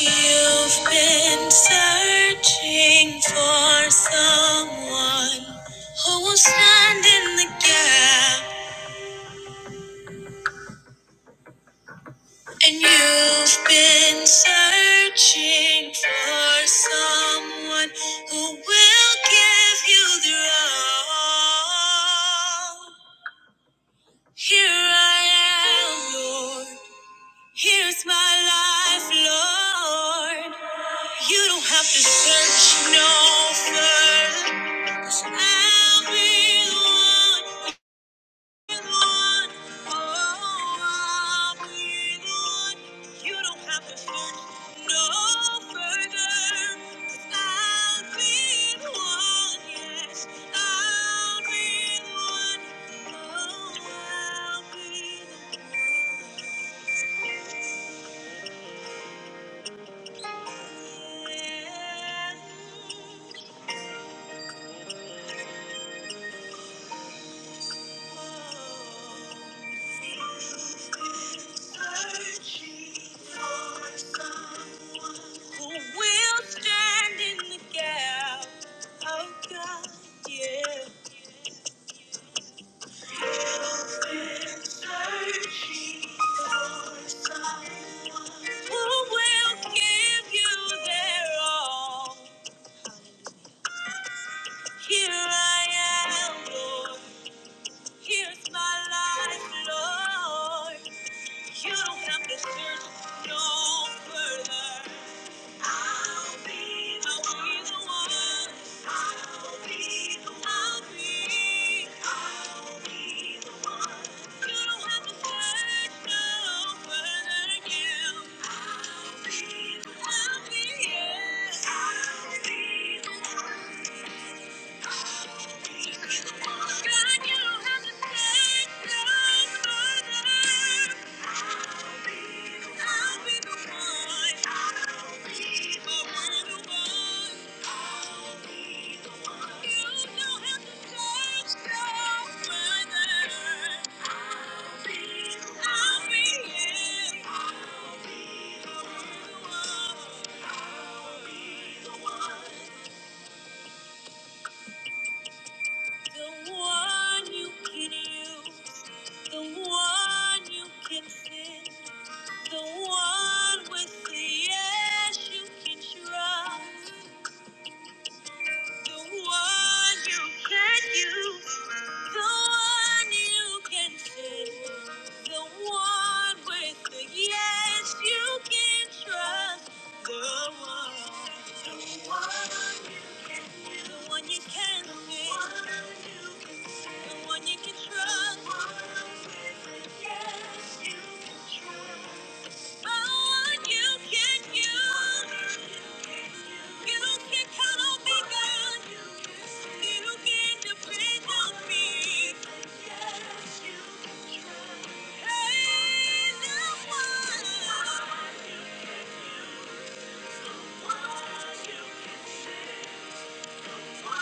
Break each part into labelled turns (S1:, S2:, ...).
S1: You've been searching for someone who will stand in the gap, and you've been searching for someone who will give you the all. Here I am, Lord. Here's my life, Lord. You don't have to search no further, 'cause I'll be the one, be the one. Oh, I'll be the one. You don't have to search no further. 'Cause I'll be the one, yes, I'll be the one. Oh, I'll be the one. Yeah. Who will stand in the gap? Oh God, yeah. Searching for someone. Who will give you their all? Here I am, Lord. Here's my life, Lord. You don't have to search no further. I'll be the one. God, you have a good, good I'll be the one. I'll be the one. I'll be the one. You don't have to search no further. I'll be the one. I'll be the one. I'll be the one. The one you can use, the one you can fit, the one with the yes you can trust, the one you can use. The one you can fit, the one with the yes you can trust, the one, the one you can, fit. the one you can fit, the one you can trust, the one with the yes you can trust. Thank you. Thank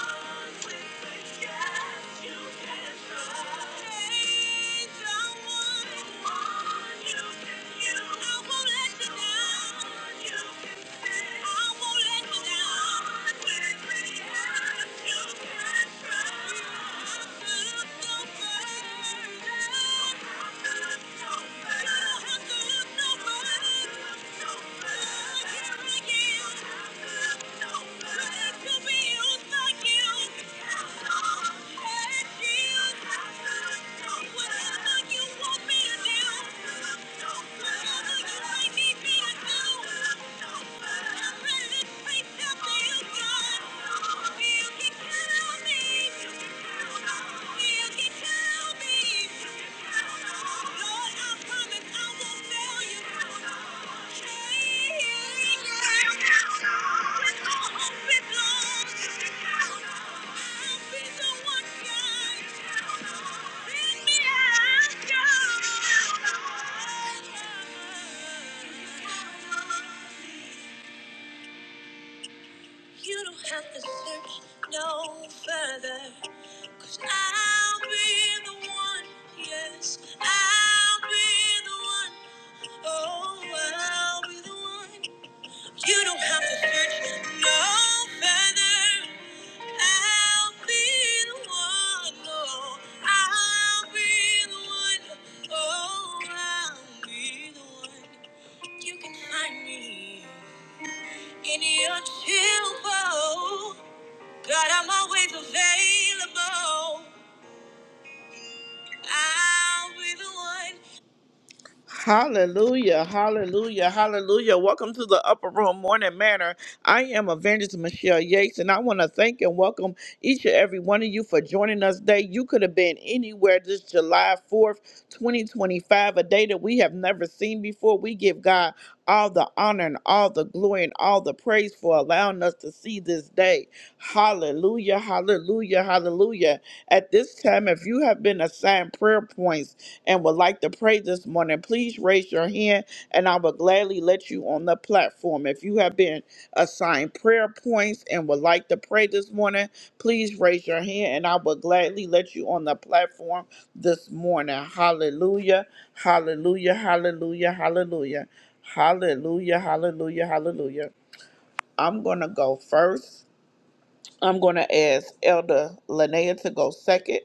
S1: you. I'm Thank you. You don't have to search no further. Cause I'll be the one, yes, I'll be the one. Oh, I'll be the one. You don't have to search no further. I'll be the one. Oh, I'll be the one. Oh, I'll be the one. You can find me in your temple. God, I'm always available. I'll be the one. Hallelujah, hallelujah, hallelujah. Welcome to the Upper Room Morning Manor. I am Evangelist Michelle Yates, and I want to thank and welcome each and every one of you for joining us today. You could have been anywhere this July 4th, 2025, a day that we have never seen before. We give God all the honor and all the glory and all the praise for allowing us to see this day. Hallelujah, hallelujah, hallelujah. At this time, if you have been assigned prayer points, and would like to pray this morning, please raise your hand and I will gladly let you on the platform. If you have been assigned prayer points and would like to pray this morning, please raise your hand and I will gladly let you on the platform this morning. Hallelujah, hallelujah, hallelujah, hallelujah, hallelujah, hallelujah, hallelujah. I'm going to go first. I'm going to ask Elder Linnea to go second,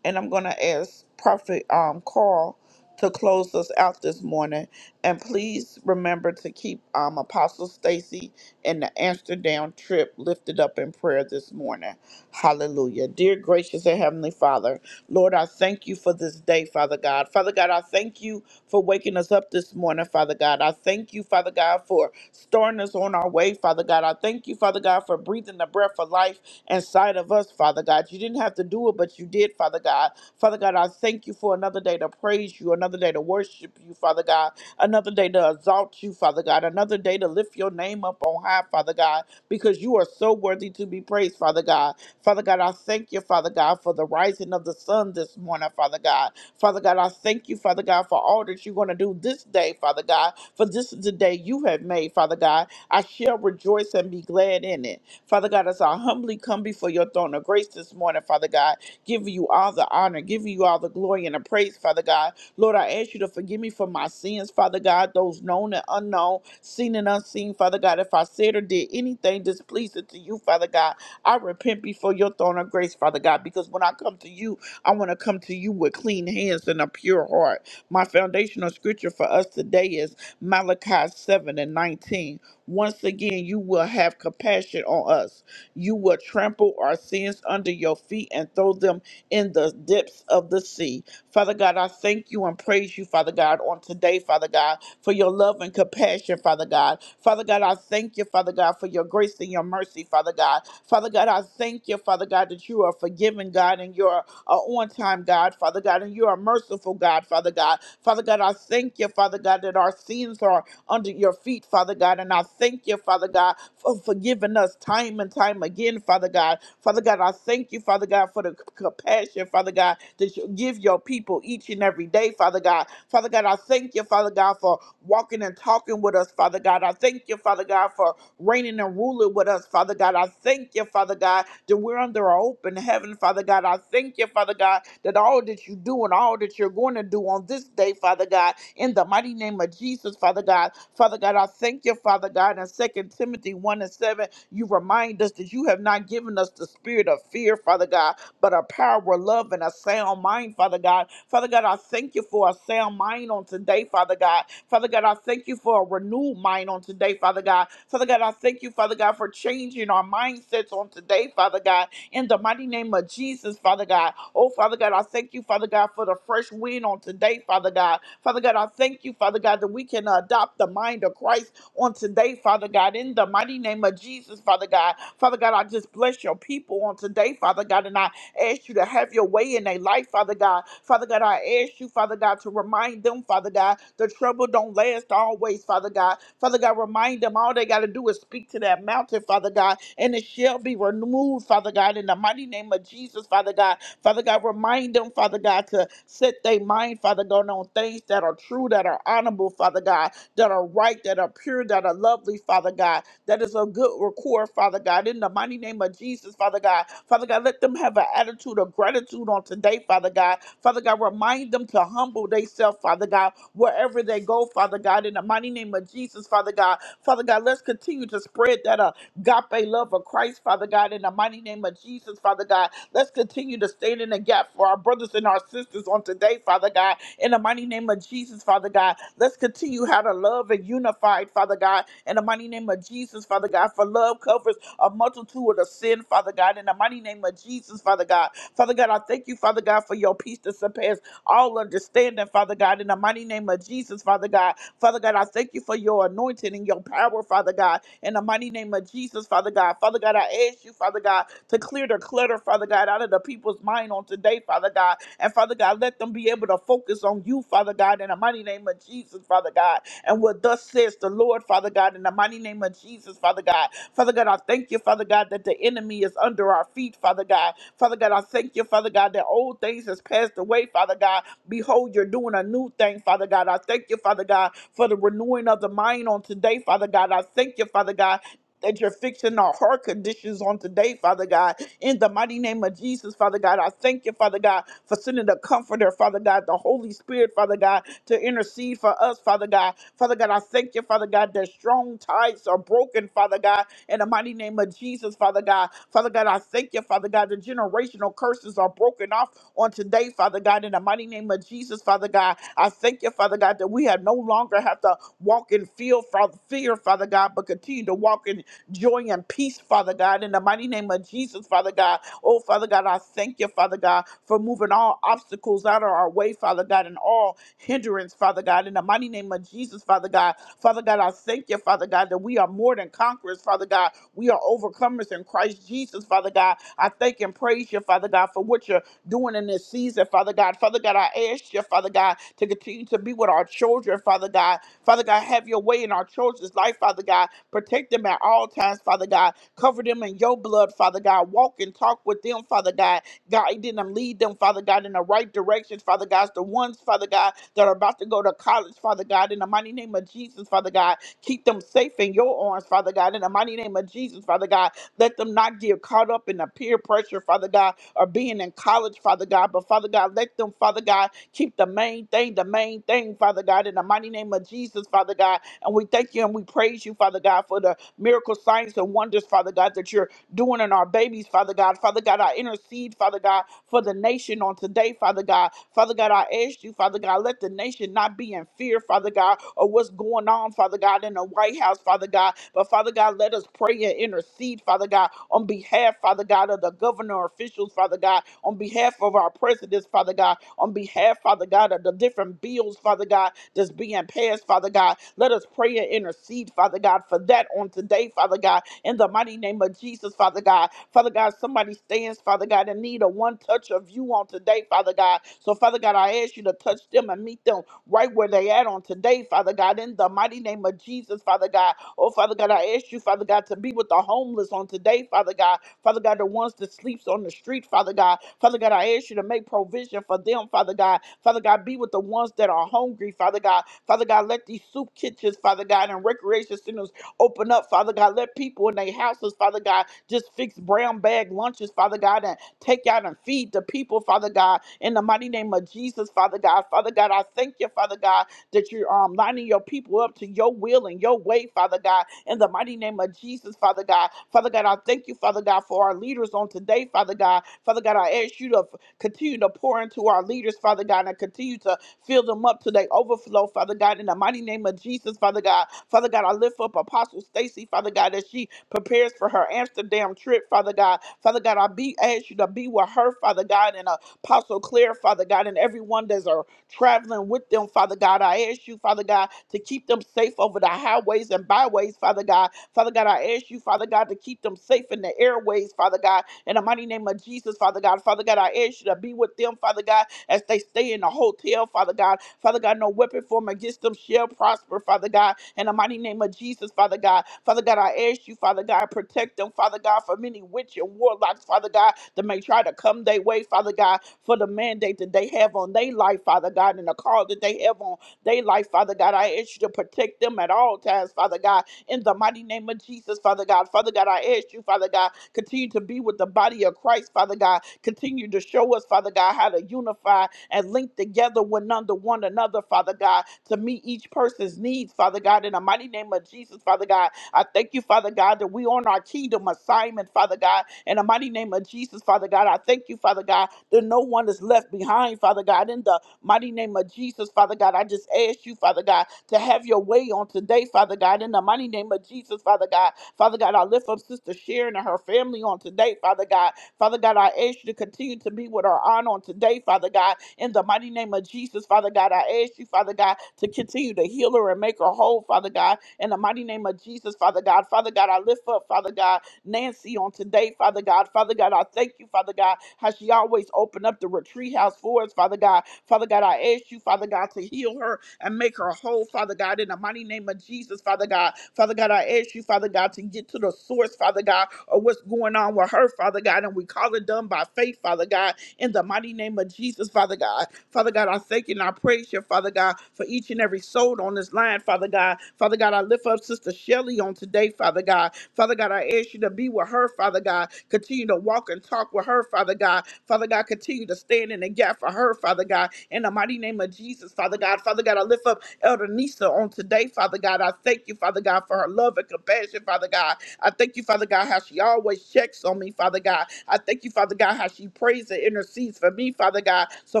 S1: and I'm going to ask Prophet um, Carl to close us out this morning. And please remember to keep um, Apostle Stacy and the Amsterdam trip lifted up in prayer this morning. Hallelujah. Dear gracious and heavenly Father, Lord, I thank you for this day, Father God. Father God, I thank you for waking us up this morning, Father God. I thank you, Father God, for starting us on our way, Father God. I thank you, Father God, for breathing the breath of life inside of us, Father God. You didn't have to do it, but you did, Father God. Father God, I thank you for another day to praise you, another day to worship you, Father God, another day to exalt you, Father God, another day to lift your name up on high, Father God, because you are so worthy to be praised, Father God. Father God, I thank you, Father God, for the rising of the sun this morning, Father God. Father God, I thank you, Father God, for all that you're going to do this day, Father God, for this is the day you have made, Father God. I shall rejoice and be glad in it. Father God, as I humbly come before your throne of grace this morning, Father God, giving you all the honor, giving you all the glory and the praise, Father God. Lord, I ask you to forgive me for my sins, Father God, those known and unknown, seen and unseen, Father God. If I said or did anything displeasing to you, Father God, I repent before your throne of grace, Father God, because when I come to you, I want to come to you with clean hands and a pure heart. My foundational scripture for us today is Malachi 7 and 19. Once again, you will have compassion on us. You will trample our sins under your feet and throw them in the depths of the sea. Father God, I thank you and praise you, Father God, on today, Father God, for your love and compassion, Father God. Father God, I thank you, Father God, for your grace and your mercy, Father God. Father God, I thank you, Father God, that you are forgiving, God, and you're are on time, God, Father God, and you are merciful, God, Father God. Father God, I thank you, Father God, that our sins are under your feet, Father God, and I thank you, Father God, for forgiving us time and time again, Father God. Father God, I thank you, Father God, for the c- compassion, Father God, that you give your people each and every day, Father God. Father God, I thank you, Father God, for walking and talking with us, Father God. I thank you, Father God, for reigning and ruling with us, Father God. I thank you, Father God, that we're under our open heaven, Father God. I thank you, Father God, that all that you do and all that you're going to do on this day, Father God, in the mighty name of Jesus, Father God. Father God, I thank you, Father God. In Second Timothy 1 and 7, you remind us that you have not given us the spirit of fear, Father God, but a power, love, and a sound mind, Father God. Father God, I thank you for a sound mind on today, Father God. Father God, I thank you for a renewed mind on today, Father God. Father God, I thank you, Father God, for changing our mindsets on today, Father God, in the mighty name of Jesus, Father God. Oh, Father God, I thank you, Father God, for the fresh wind on today, Father God. Father God, I thank you, Father God, that we can adopt the mind of Christ on today, Father God, in the mighty name of Jesus, Father God. Father God, I just bless your people on today, Father God, and I ask you to have your way in their life, Father God. Father God, I ask you, Father God, to remind them, Father God, the trouble don't last always, Father God. Father God, remind them all they got to do is speak to that mountain, Father God, and it shall be removed, Father God, in the mighty name of Jesus, Father God. Father God, remind them, Father God, to set their mind, Father God, on things that are true, that are honorable, Father God that are right, that are pure, that are lovely, Father God, that is a good record, Father God. In the mighty name of Jesus, Father God. Father God, let them have an attitude of gratitude on today, Father God. Father God, remind them to humble themselves, Father God, wherever they go, Father God. In the mighty name of Jesus, Father God. Father God, let's continue to spread that up agape love for Christ, Father God, in the mighty name of Jesus, Father God. Let's continue to stand in the gap for our brothers and our sisters on today, Father God, in the mighty name of Jesus, Father God. Let's continue how to love and unify, Father God, in the mighty name of Jesus, Father God, for love covers a multitude of sin, Father God, in the mighty name of Jesus, Father God. Father God, I thank you, Father God, for your peace that surpasses all understanding, Father God, in the mighty name of Jesus, Father God. Father God, I thank you for your anointing and your power, Father God, in the mighty name of Jesus, Father God. Father God, I ask you, Father God, to clear the clutter, Father God, out of the people's mind on today, Father God. And Father God, let them be able to focus on you, Father God, in the mighty name of Jesus, Father God. And what thus says the Lord, Father God, in the mighty name of Jesus, Father God. Father God, I thank you, Father God, that the enemy is under our feet, Father God. Father God, I thank you, Father God, that old things has passed away, Father God. Behold, you're doing a new thing, Father God. I thank you, Father God, for the renewing of the mind on today, Father God. I thank you, Father God, that you're fixing our heart conditions on today, Father God. In the mighty name of Jesus, Father God, I thank you, Father God, for sending the Comforter, Father God, the Holy Spirit, Father God, to intercede for us, Father God. Father God, I thank you, Father God, that strong ties are broken, Father God, in the mighty name of Jesus, Father God. Father God, I thank you, Father God, the generational curses are broken off on today, Father God, in the mighty name of Jesus, Father God. I thank you, Father God, that we have no longer have to walk in fear, Father, fear, Father God, but continue to walk in joy and peace, Father God, in the mighty name of Jesus, Father God. Oh, Father God, I thank you, Father God, for moving all obstacles out of our way, Father God, and all hindrance, Father God, in the mighty name of Jesus, Father God. Father God, I thank you, Father God, that we are more than conquerors, Father God. We are overcomers in Christ Jesus, Father God. I thank and praise you, Father God, for what you're doing in this season, Father God. Father God, I ask you, Father God, to continue to be with our children, Father God. Father God, have your way in our children's life, Father God. Protect them at all times, Father God. Cover them in your blood, Father God. Walk and talk with them, Father God. Guide them, lead them, Father God, in the right directions, Father God. It's The ones, Father God, that are about to go to college, Father God, in the mighty name of Jesus, Father God. Keep them safe in your arms, Father God, in the mighty name of Jesus, Father God. Let them not get caught up in the peer pressure, Father God, or being in college, Father God. But Father God, let them, Father God, Keep the main thing, the main thing, Father God, in the mighty name of Jesus, Father God. And we thank you and we praise you, Father God, for the miracle signs and wonders, Father God, that you're doing in our babies, Father God. Father God, I intercede, Father God, for the nation on today, Father God. Father God, I ask you, Father God, let the nation not be in fear, Father God, of what's going on, Father God, in the White House, Father God. But Father God, let us pray and intercede, Father God, on behalf, Father God, of the governor officials, Father God, on behalf of our presidents, Father God, on behalf, Father God, of the different bills, Father God, that's being passed, Father God. Let us pray and intercede, Father God, for that on today, Father God in the mighty name of Jesus, Father God. Father God, somebody stands, Father God, in need of one touch of you on today, Father God. So, Father God, I ask you to touch them and meet them right where they at on today, Father God, in the mighty name of Jesus, Father God. Oh, Father God, I ask you, Father God, to be with the homeless on today, Father God. Father God, the ones that sleeps on the street, Father God. Father God, I ask you to make provision for them, Father God. Father God, be with the ones that are hungry, Father God. Father God, let these soup kitchens, Father God, and recreation centers Open up, Father God. Let people in their houses, Father God, just fix brown bag lunches, Father God, and take out and feed the people, Father God, in the mighty name of Jesus, Father God. Father God, I thank you, Father God, that you're um, lining your people up to your will and your way, Father God, in the mighty name of Jesus, Father God. Father God, I thank you, Father God, for our leaders on today, Father God. Father God, I ask you to f- continue to pour into our leaders, Father God, and continue to Fill them up to their overflow, Father God, in the mighty name of Jesus, Father God. Father God, I lift up Apostle Stacy, Father God, as she prepares for her Amsterdam trip, Father God. Father God, I be ask you to be with her, Father God, and Apostle Claire, Father God, and everyone that's are traveling with them, Father God. I ask you, Father God, to keep them safe over the highways and byways, Father God. Father God, I ask you, Father God, to keep them safe in the airways, Father God. In the mighty name of Jesus, Father God. Father God, I ask you to be with them, Father God, as they stay in the hotel, Father God. Father God, no weapon formed against them shall prosper, Father God. In the mighty name of Jesus, Father God. Father God, I ask you, Father God, protect them, Father God, from any witch and warlocks, Father God, that may try to come their way, Father God, for the mandate that they have on their life, Father God, and the call that they have on their life, Father God. I ask you to protect them at all times, Father God in the mighty name of Jesus, Father God. Father God, I ask you, Father God, continue to be with the body of Christ, Father God. Continue to show us, Father God, how to unify and link together one under one another, Father God, to meet each person's needs, Father God. In the mighty name of Jesus, Father God, I thank you, Father God, that we on our kingdom assignment, Father God. In the mighty name of Jesus, Father God, I thank you, Father God, that no one is left behind, Father God. In the Mighty name of Jesus, Father God, I just ask you, Father God, to have your way on today, Father God. In the mighty name of Jesus, Father God. Father God, I lift up Sister Sharon and her family on today, Father God. Father God, I ask you to continue to be with her aunt on today, Father God. In the mighty name of Jesus, Father God, I ask you, Father God, to continue to heal her and make her whole, Father God. In the mighty name of Jesus, Father God. Father God, I lift up, Father God, Nancy on today, Father God. Father God, I thank you, Father God, how she always opened up the retreat house for us, Father God. Father God, I ask you, Father God, to heal her and make her whole, Father God, in the mighty name of Jesus, Father God. Father God, I ask you, Father God, to get to the source, Father God, of what's going on with her, Father God, and we call it done by faith, Father God, in the mighty name of Jesus, Father God. Father God, I thank you and I praise you, Father God, for each and every soul on this line, Father God. Father God, I lift up Sister Shelly on today, Father God. Father God, I ask you to be with her, Father God. Continue to walk and talk with her, Father God. Father God, continue to stand in the gap for her, Father God. In the mighty name of Jesus, Father God. Father God, I lift up Elder Nisa on today, Father God. I thank you, Father God, for her love and compassion, Father God. I thank you, Father God, how she always checks on me, Father God. I thank you, Father God, how she prays and intercedes for me, Father God. So,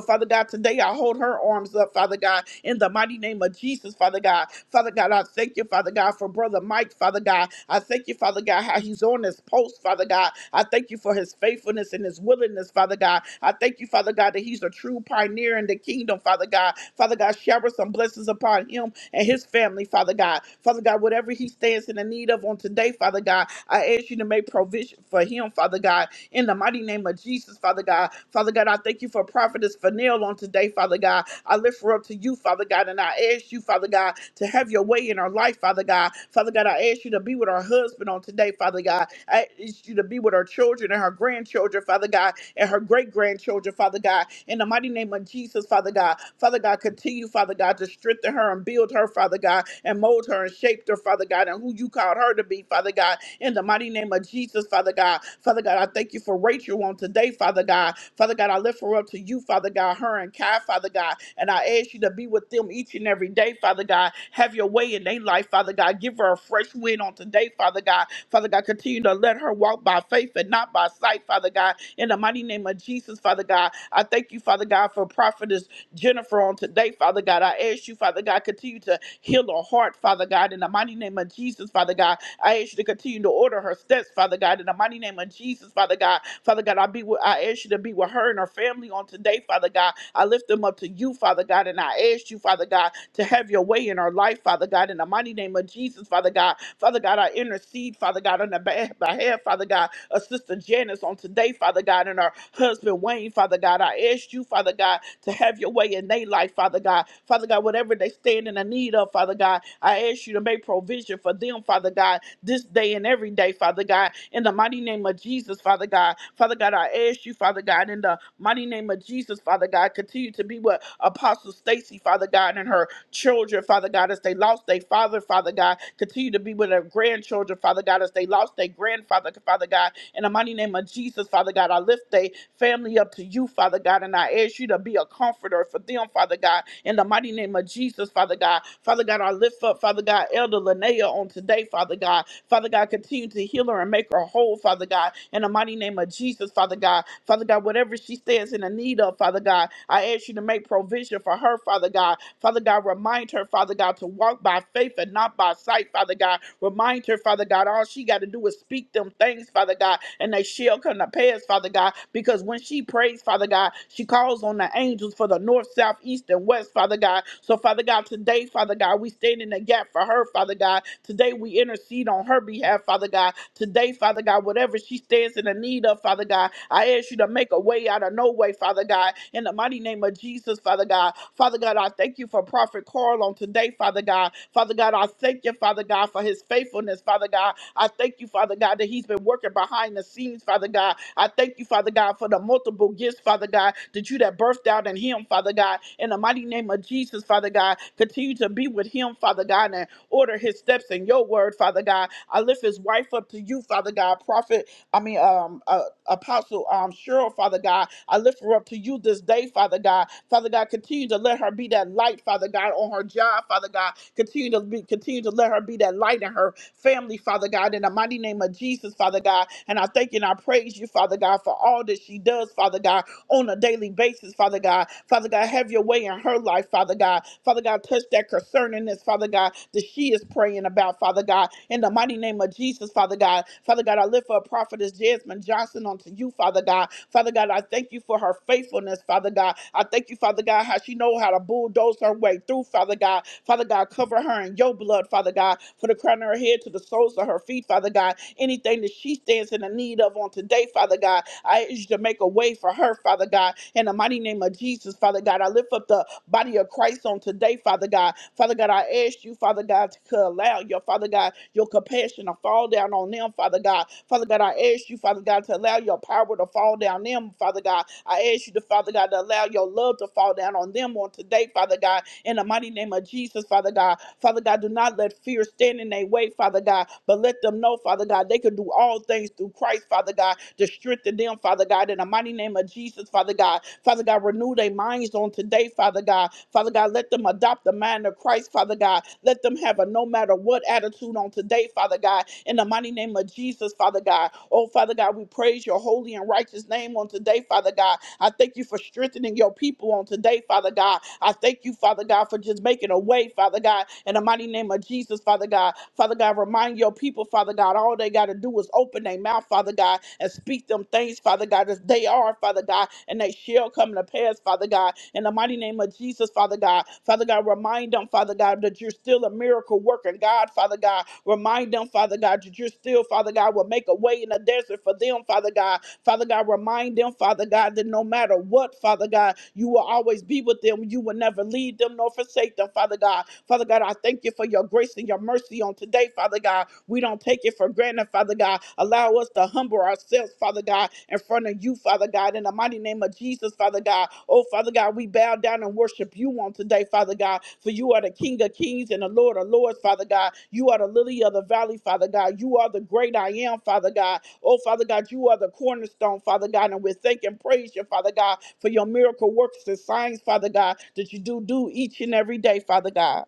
S1: Father God, today I hold her arms up, Father God, in the mighty name of Jesus, Father God. Father God, I thank you, Father God, for Brother Mike, Father God. I thank you, Father. Father God, how he's on this post, Father God. I thank you for his faithfulness and his willingness, Father God. I thank you, Father God, that he's a true pioneer in the kingdom, Father God. Father God, shower some blessings upon him and his family, Father God. Father God, whatever he stands in the need of on today, Father God, I ask you to make provision for him, Father God, in the mighty name of Jesus, Father God. Father God, I thank you for prophetess Fanil on today, Father God. I lift her up to you, Father God, and I ask you, Father God, to have your way in our life, Father God. Father God, I ask you to be with our husband on today, Father God. I ask you to be with our children and her grandchildren, Father God, and her great grandchildren, Father God. In the mighty name of Jesus, Father God. Father God, continue, Father God, to strengthen her and build her, Father God, and mold her and shape her, Father God, and who you called her to be, Father God. In the mighty name of Jesus, Father God. Father God. Father God, I thank you for Rachel on today, Father God. Father God, I lift her up to you, Father God, her and Kai, Father God. And I ask you to be with them each and every day, Father God. Have your way in their life, Father God. Give her a fresh wind on today, Father God. Father God, continue to let her walk by faith and not by sight, Father God. In the mighty name of Jesus, Father God, I thank you, Father God, for prophetess Jennifer on today, Father God. I ask you, Father God, continue to heal her heart, Father God. In the mighty name of Jesus, Father God, I ask you to continue to order her steps, Father God, in the mighty name of Jesus, Father God. Father God, I be with, I ask you to be with her and her family on today, Father God. I lift them up to you, Father God, and I ask you, Father God, to have your way in her life, Father God, in the mighty name of Jesus, Father God. Father God, I intercede, Father God, on the behalf, Father God, uh, Sister Janice on today, Father God, and her husband Wayne, Father God. I ask you, Father God, to have your way in their life, Father God. Father God, whatever they stand in the need of, Father God, I ask you to make provision for them, Father God, this day and every day, Father God. In the mighty name of Jesus, Father God. Father God, I ask you, Father God, in the mighty name of Jesus, Father God, continue to be with Apostle Stacy, Father God, and her children, Father God, as they lost their father, Father God. Continue to be with their grandchildren, Father God, as they lost their grandfather, Father God. In the mighty name of Jesus, Father God, I lift their family up to you, Father God, and I ask you to be a comforter for them, Father God. In the mighty name of Jesus, Father God. Father God, I lift up, Father God, Elder Linnea on today, Father God. Father God, continue to heal her and make her whole, Father God. In the mighty name of Jesus, Father God. Father God, whatever she stands in the need of, Father God, I ask you to make provision for her, Father God. Father God, remind her, Father God, to walk by faith and not by sight, Father God. Remind her, Father God, all she got to do is speak speak them things, Father God, and they shall come to pass, Father God, because when she prays, Father God, she calls on the angels for the north, south, east, and west, Father God. So, Father God, today, Father God, we stand in the gap for her, Father God. Today, we intercede on her behalf, Father God. Today, Father God, whatever she stands in the need of, Father God, I ask you to make a way out of no way, Father God. In the mighty name of Jesus, Father God. Father God, I thank you for Prophet Carl on today, Father God. Father God, I thank you, Father God, for his faithfulness, Father God. I thank you, Father God, that He's been working behind the scenes, Father God. I thank you, Father God, for the multiple gifts, Father God, that you that birthed out in Him, Father God. In the mighty name of Jesus, Father God, continue to be with Him, Father God, and order His steps in Your Word, Father God. I lift His wife up to You, Father God, Prophet. I mean, um, uh, Apostle um, Cheryl, Father God. I lift her up to You this day, Father God. Father God, continue to let her be that light, Father God, on her job, Father God. Continue to be, continue to let her be that light in her family, Father God, in the mighty name of Jesus, Father God. And I thank you and I praise you, Father God, for all that she does, Father God, on a daily basis, Father God. Father God, have your way in her life, Father God. Father God, touch that concerningness, Father God, that she is praying about, Father God. In the mighty name of Jesus, Father God. Father God, I lift up prophetess Jasmine Johnson unto you, Father God. Father God, I thank you for her faithfulness, Father God. I thank you, Father God, how she know how to bulldoze her way through, Father God. Father God, cover her cover her in your blood, Father God, for the crown of her head to the soles of her feet, Father God. Anything that she stands in the need of on today, Father God, I ask you to make a way for her, Father God. In the mighty name of Jesus, Father God, I lift up the body of Christ on today, Father God. Father God, I ask you, Father God, to allow your Father God, your compassion to fall down on them, Father God. Father God, I ask you, Father God. Father God, to allow your power to fall down them, Father God. I ask you to, Father God, to allow your love to fall down on them on today, Father God, in the mighty name of Jesus, Father God. Father God, do not let fear stand in their way, Father God, but let them know, Father God, they can do all things through Christ, Father God, to strengthen them, Father God, in the mighty name of Jesus, Father God. Father God, renew their minds on today, Father God. Father God, let them adopt the mind of Christ, Father God. Let them have a no matter what attitude on today, Father God. In the mighty name of Jesus, Father God. Oh, Father God, we praise your holy and righteous name on today, Father God. I thank you for strengthening your people on today, Father God. I thank you, Father God, for just making a way, Father God. In the mighty name of Jesus, Father God. Father Father God. Remind your people, Father God, all they got to do is open their mouth, Father God, and speak them things, Father God, as they are, Father God, and they shall come to pass, Father God. In the mighty name of Jesus, Father God. Father God, remind them, Father God, that you're still a miracle working God, Father God. Remind them, Father God, that you're still, Father God, will make a way in the desert for them, Father God. Father God, remind them, Father God, that no matter what, Father God, you will always be with them. You will never leave them nor forsake them, Father God. Father God, I thank you for your grace and your mercy on today, Father God. We don't take it for granted, Father God. Allow us to humble ourselves, Father God, in front of you, Father God, in the mighty name of Jesus, Father God. Oh, Father God, we bow down and worship you on today, Father God, for you are the King of kings and the Lord of lords, Father God. You are the lily of the valley, Father God. You are the great I am, Father God. Oh, Father God, you are the cornerstone, Father God, and we thank and praise you, Father God, for your miracle works and signs, Father God, that you do do each and every day, Father God.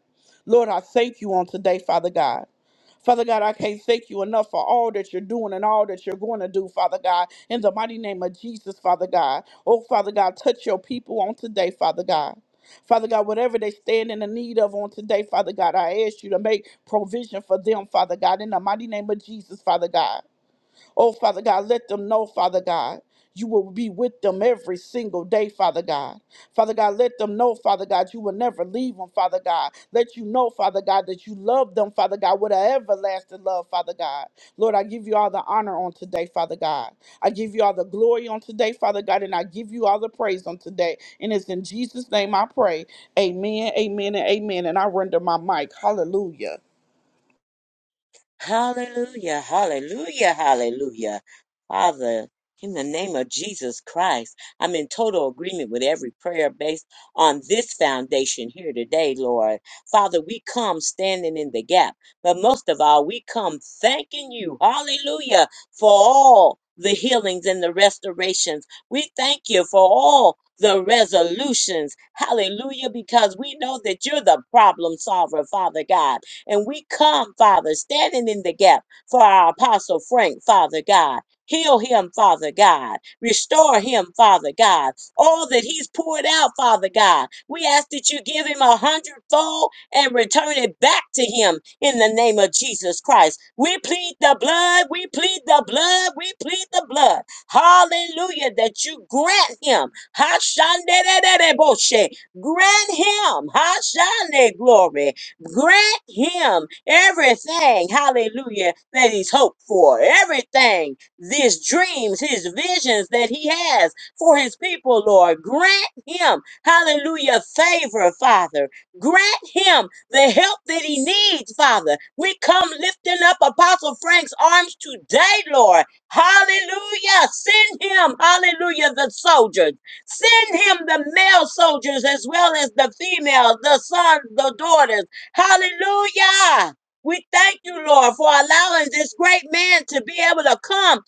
S1: Lord, I thank you on today, Father God. Father God, I can't thank you enough for all that you're doing and all that you're going to do, Father God, in the mighty name of Jesus, Father God. Oh, Father God, touch your people on today, Father God. Father God, whatever they stand in the need of on today, Father God, I ask you to make provision for them, Father God, in the mighty name of Jesus, Father God. Oh, Father God, let them know, Father God, you will be with them every single day, Father God. Father God, let them know, Father God, you will never leave them, Father God. Let you know, Father God, that you love them, Father God, with an everlasting love, Father God. Lord, I give you all the honor on today, Father God. I give you all the glory on today, Father God, and I give you all the praise on today. And it's in Jesus' name I pray. Amen, amen, and amen. And I render my mic. Hallelujah.
S2: Hallelujah, hallelujah, hallelujah. Father, in the name of Jesus Christ, I'm in total agreement with every prayer based on this foundation here today, Lord. Father, we come standing in the gap, but most of all, we come thanking you, hallelujah, for all the healings and the restorations. We thank you for all the resolutions, hallelujah, because we know that you're the problem solver, Father God. And we come, Father, standing in the gap for our Apostle Frank, Father God. Heal him, Father God. Restore him, Father God. All that he's poured out, Father God. We ask that you give him a hundredfold and return it back to him in the name of Jesus Christ. We plead the blood. We plead the blood. We plead the blood. Hallelujah. That you grant him. Hashandererereboche. Grant him. Hashande glory. Grant him everything, hallelujah, that he's hoped for, everything, his dreams, his visions that he has for his people, Lord. Grant him, hallelujah, favor, Father. Grant him the help that he needs, Father. We come lifting up Apostle Frank's arms today, Lord. Hallelujah. Send him, hallelujah, the soldiers. Send him the male soldiers as well as the female, the sons, the daughters. Hallelujah. We thank you, Lord, for allowing this great man to be able to come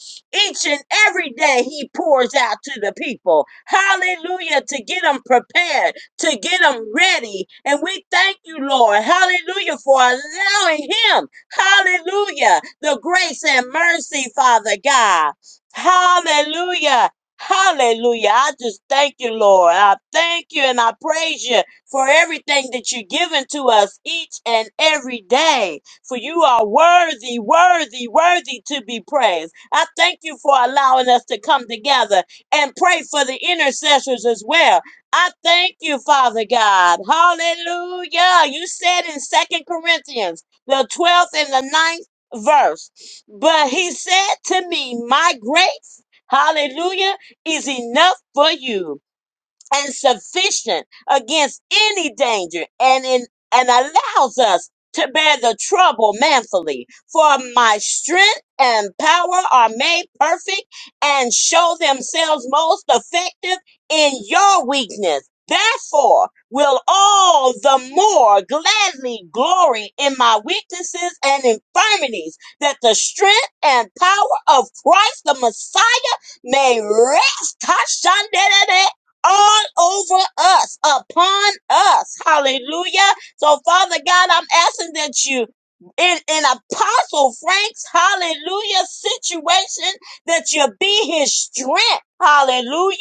S2: each and every day he pours out to the people. Hallelujah. To get them prepared, to get them ready. And we thank you, Lord. Hallelujah. For allowing him. Hallelujah. The grace and mercy, Father God. Hallelujah. Hallelujah. I just thank you, Lord. I thank you and I praise you for everything that you're giving to us each and every day. For you are worthy, worthy, worthy to be praised. I thank you for allowing us to come together and pray for the intercessors as well. I thank you, Father God. Hallelujah. You said in Second Corinthians, the 12th and the ninth verse, but he said to me, My grace, hallelujah, is enough for you and sufficient against any danger and in and allows us to bear the trouble manfully for my strength and power are made perfect and show themselves most effective in your weakness therefore will all the more gladly glory in my weaknesses and infirmities that the strength and power of christ the messiah may rest all over us, upon us. Hallelujah. So, Father God, I'm asking that you, in, in Apostle Frank's hallelujah situation, that you be his strength. Hallelujah.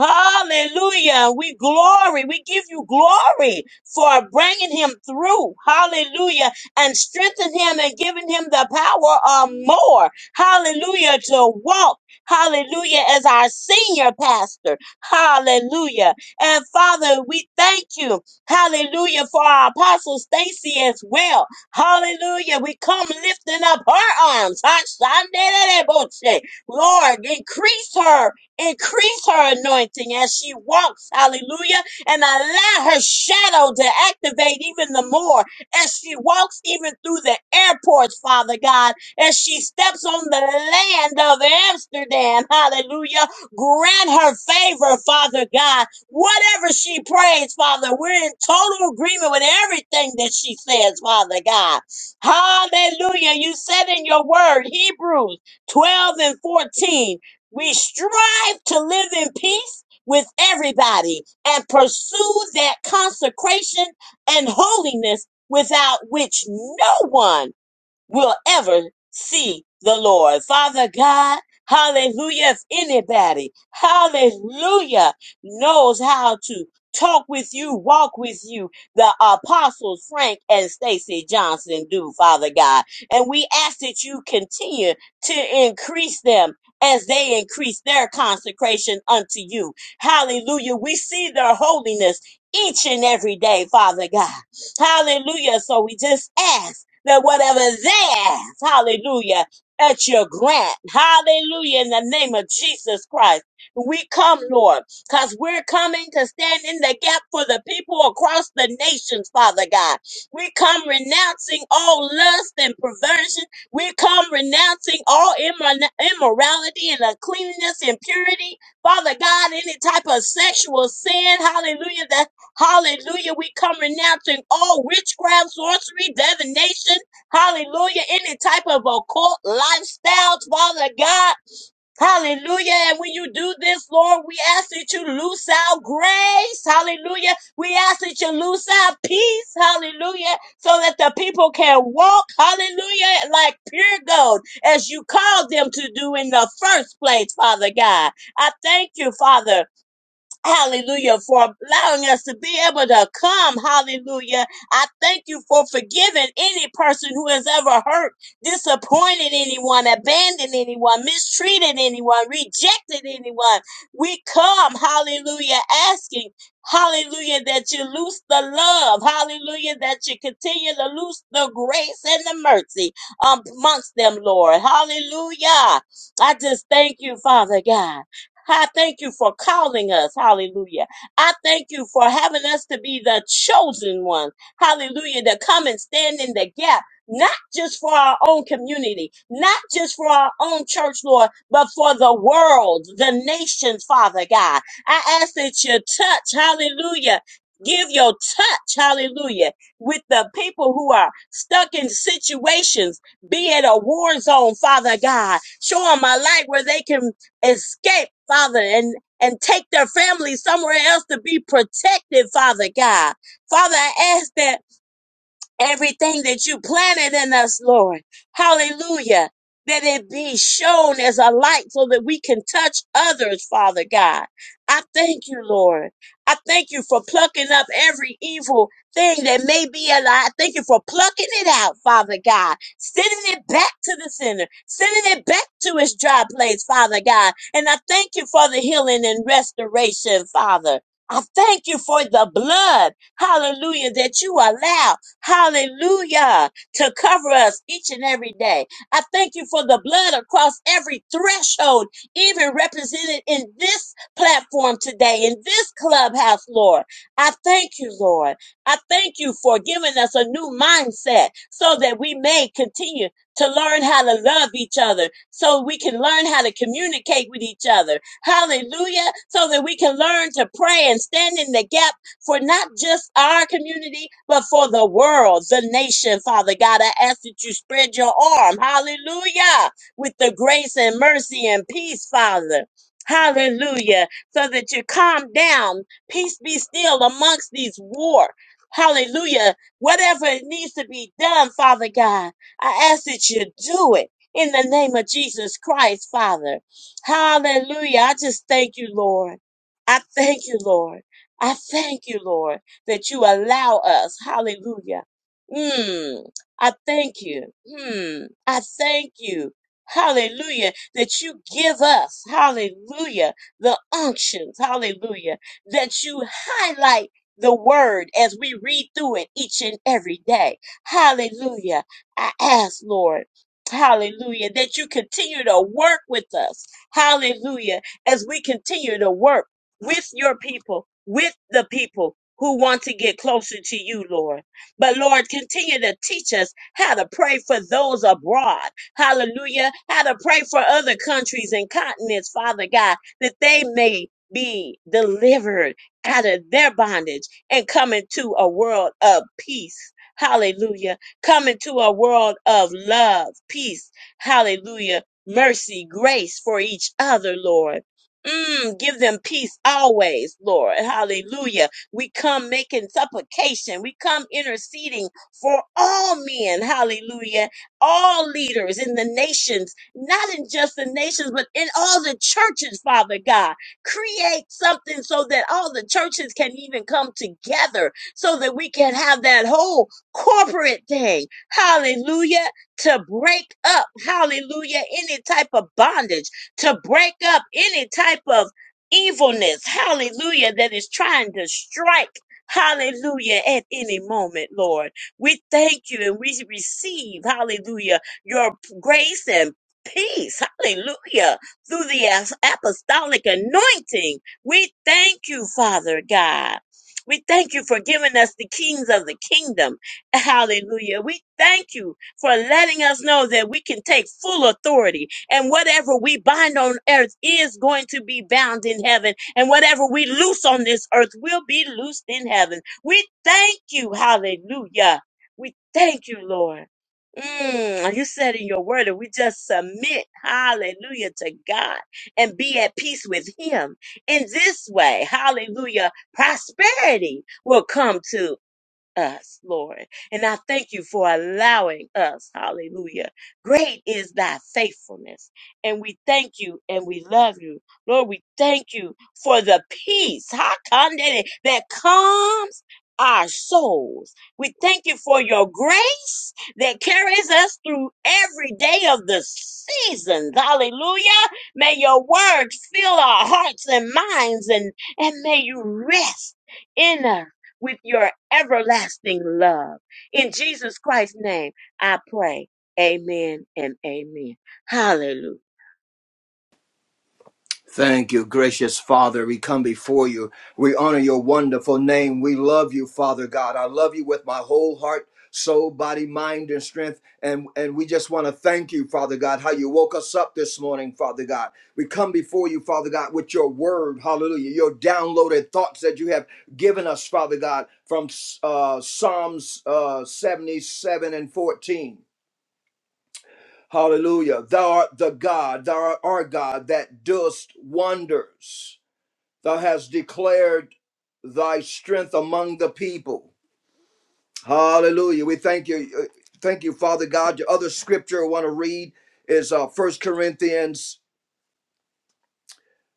S2: Hallelujah. We glory. We give you glory for bringing him through. Hallelujah. And strengthen him and giving him the power of more. Hallelujah. To walk. Hallelujah. As our senior pastor. Hallelujah. And Father, we thank you. Hallelujah for our apostle Stacy as well. Hallelujah. We come lifting up her arms. Hashandereboche. Lord, increase her, increase her anointing as she walks. Hallelujah. And allow her shadow to activate even the more as she walks even through the airports, Father God, as she steps on the land of Amsterdam. Hallelujah. Grant her favor, Father God. Whatever she prays, Father, we're in total agreement with everything that she says, Father God. Hallelujah. You said in your word, Hebrews 12 and 14, we strive to live in peace with everybody and pursue that consecration and holiness without which no one will ever see the Lord. Father God, hallelujah. If anybody, hallelujah, knows how to talk with you, walk with you, the apostles Frank and Stacy Johnson do, Father God. And we ask that you continue to increase them. As they increase their consecration unto you. Hallelujah. We see their holiness each and every day, Father God. Hallelujah. So we just ask that whatever they ask, hallelujah, at your grant. Hallelujah. In the name of Jesus Christ. We come, Lord, because we're coming to stand in the gap for the people across the nations, Father God. We come renouncing all lust and perversion. We come renouncing all immor- immorality and uncleanness, impurity. Father God, any type of sexual sin, hallelujah, Hallelujah. We come renouncing all witchcraft, sorcery, divination. Hallelujah. Any type of occult lifestyles, Father God. Hallelujah. And when you do this, Lord, we ask that you loose our grace. Hallelujah. We ask that you loose our peace. Hallelujah. So that the people can walk. Hallelujah. Like pure gold as you called them to do in the first place, Father God. I thank you, Father. Hallelujah, for allowing us to be able to come. Hallelujah. I thank you for forgiving any person who has ever hurt, disappointed anyone, abandoned anyone, mistreated anyone, rejected anyone. We come, hallelujah, asking, hallelujah, that you loose the love, hallelujah, that you continue to loose the grace and the mercy amongst them, Lord. Hallelujah. I just thank you, Father God. I thank you for calling us. Hallelujah. I thank you for having us to be the chosen ones, Hallelujah. To come and stand in the gap, not just for our own community, not just for our own church, Lord, but for the world, the nations, Father God. I ask that you touch. Hallelujah. Give your touch, hallelujah, with the people who are stuck in situations, be it a war zone, Father God. Show them a light where they can escape, Father, and and take their family somewhere else to be protected, Father God. Father, I ask that Everything that you planted in us, Lord, hallelujah, that it be shown as a light so that we can touch others, Father God. I thank you, Lord. I thank you for plucking up every evil thing that may be alive. I thank you for plucking it out, Father God, sending it back to the center, sending it back to its dry place, Father God. And I thank you for the healing and restoration, Father. I thank you for the blood, hallelujah, that you allow. Hallelujah. To cover us each and every day. I thank you for the blood across every threshold, even represented in this platform today, in this clubhouse, Lord. I thank you, Lord. I thank you for giving us a new mindset so that we may continue to learn how to love each other, so we can learn how to communicate with each other. Hallelujah. So that we can learn to pray and stand in the gap for not just our community, but for the world, the nation, Father God. I ask that you spread your arm, hallelujah, with the grace and mercy and peace, Father. Hallelujah. So that you calm down. Peace be still amongst these war. Hallelujah. Whatever it needs to be done, Father God, I ask that you do it in the name of Jesus Christ, Father. Hallelujah. I just thank you, Lord. I thank you, Lord. I thank you, Lord, that you allow us. Hallelujah. Mm, I thank you. Mm, I thank you. Hallelujah. That you give us, hallelujah, the unctions, hallelujah, that you highlight the word as we read through it each and every day. Hallelujah. I ask, Lord, hallelujah, that you continue to work with us. Hallelujah. As we continue to work with your people, with the people who want to get closer to you, Lord. But Lord, continue to teach us how to pray for those abroad. Hallelujah. How to pray for other countries and continents, Father God, that they may be delivered out of their bondage and come into a world of peace. Hallelujah. Come into a world of love, peace. Hallelujah. Mercy, grace for each other, Lord. Mm, give them peace always, Lord. Hallelujah. We come making supplication. We come interceding for all men. Hallelujah. All leaders in the nations, not in just the nations, but in all the churches, Father God. Create something so that all the churches can even come together so that we can have that whole corporate thing. Hallelujah. To break up, hallelujah, any type of bondage to break up any type of evilness, hallelujah, that is trying to strike, hallelujah, at any moment, Lord. We thank you and we receive, hallelujah, your grace and peace, hallelujah, through the as- apostolic anointing. We thank you, Father God. We thank you for giving us the kings of the kingdom. Hallelujah. We thank you for letting us know that we can take full authority and whatever we bind on earth is going to be bound in heaven. And whatever we loose on this earth will be loosed in heaven. We thank you. Hallelujah. We thank you, Lord. Mm, you said in your word that we just submit, hallelujah, to God and be at peace with Him. In this way, hallelujah, prosperity will come to us, Lord. And I thank you for allowing us. Hallelujah. Great is thy faithfulness. And we thank you and we love you. Lord, we thank you for the peace ha, kandere, that calms our souls. We thank you for your grace that carries us through every day of the seasons. Hallelujah. May your word fill our hearts and minds and, and may you rest in us with your everlasting love. In Jesus Christ's name, I pray. Amen and amen. Hallelujah.
S3: Thank you, gracious Father. We come before you. We honor your wonderful name. We love you, Father God. I love you with my whole heart, soul, body, mind, and strength. And, and we just want to thank you, Father God, how you woke us up this morning, Father God. We come before you, Father God, with your word, hallelujah, your downloaded thoughts that you have given us, Father God, from uh, Psalms uh, 77 and 14. Hallelujah. Thou art the God, thou art our God that doest wonders. Thou hast declared thy strength among the people. Hallelujah. We thank you. uh, Thank you, Father God. Your other scripture I want to read is uh, 1 Corinthians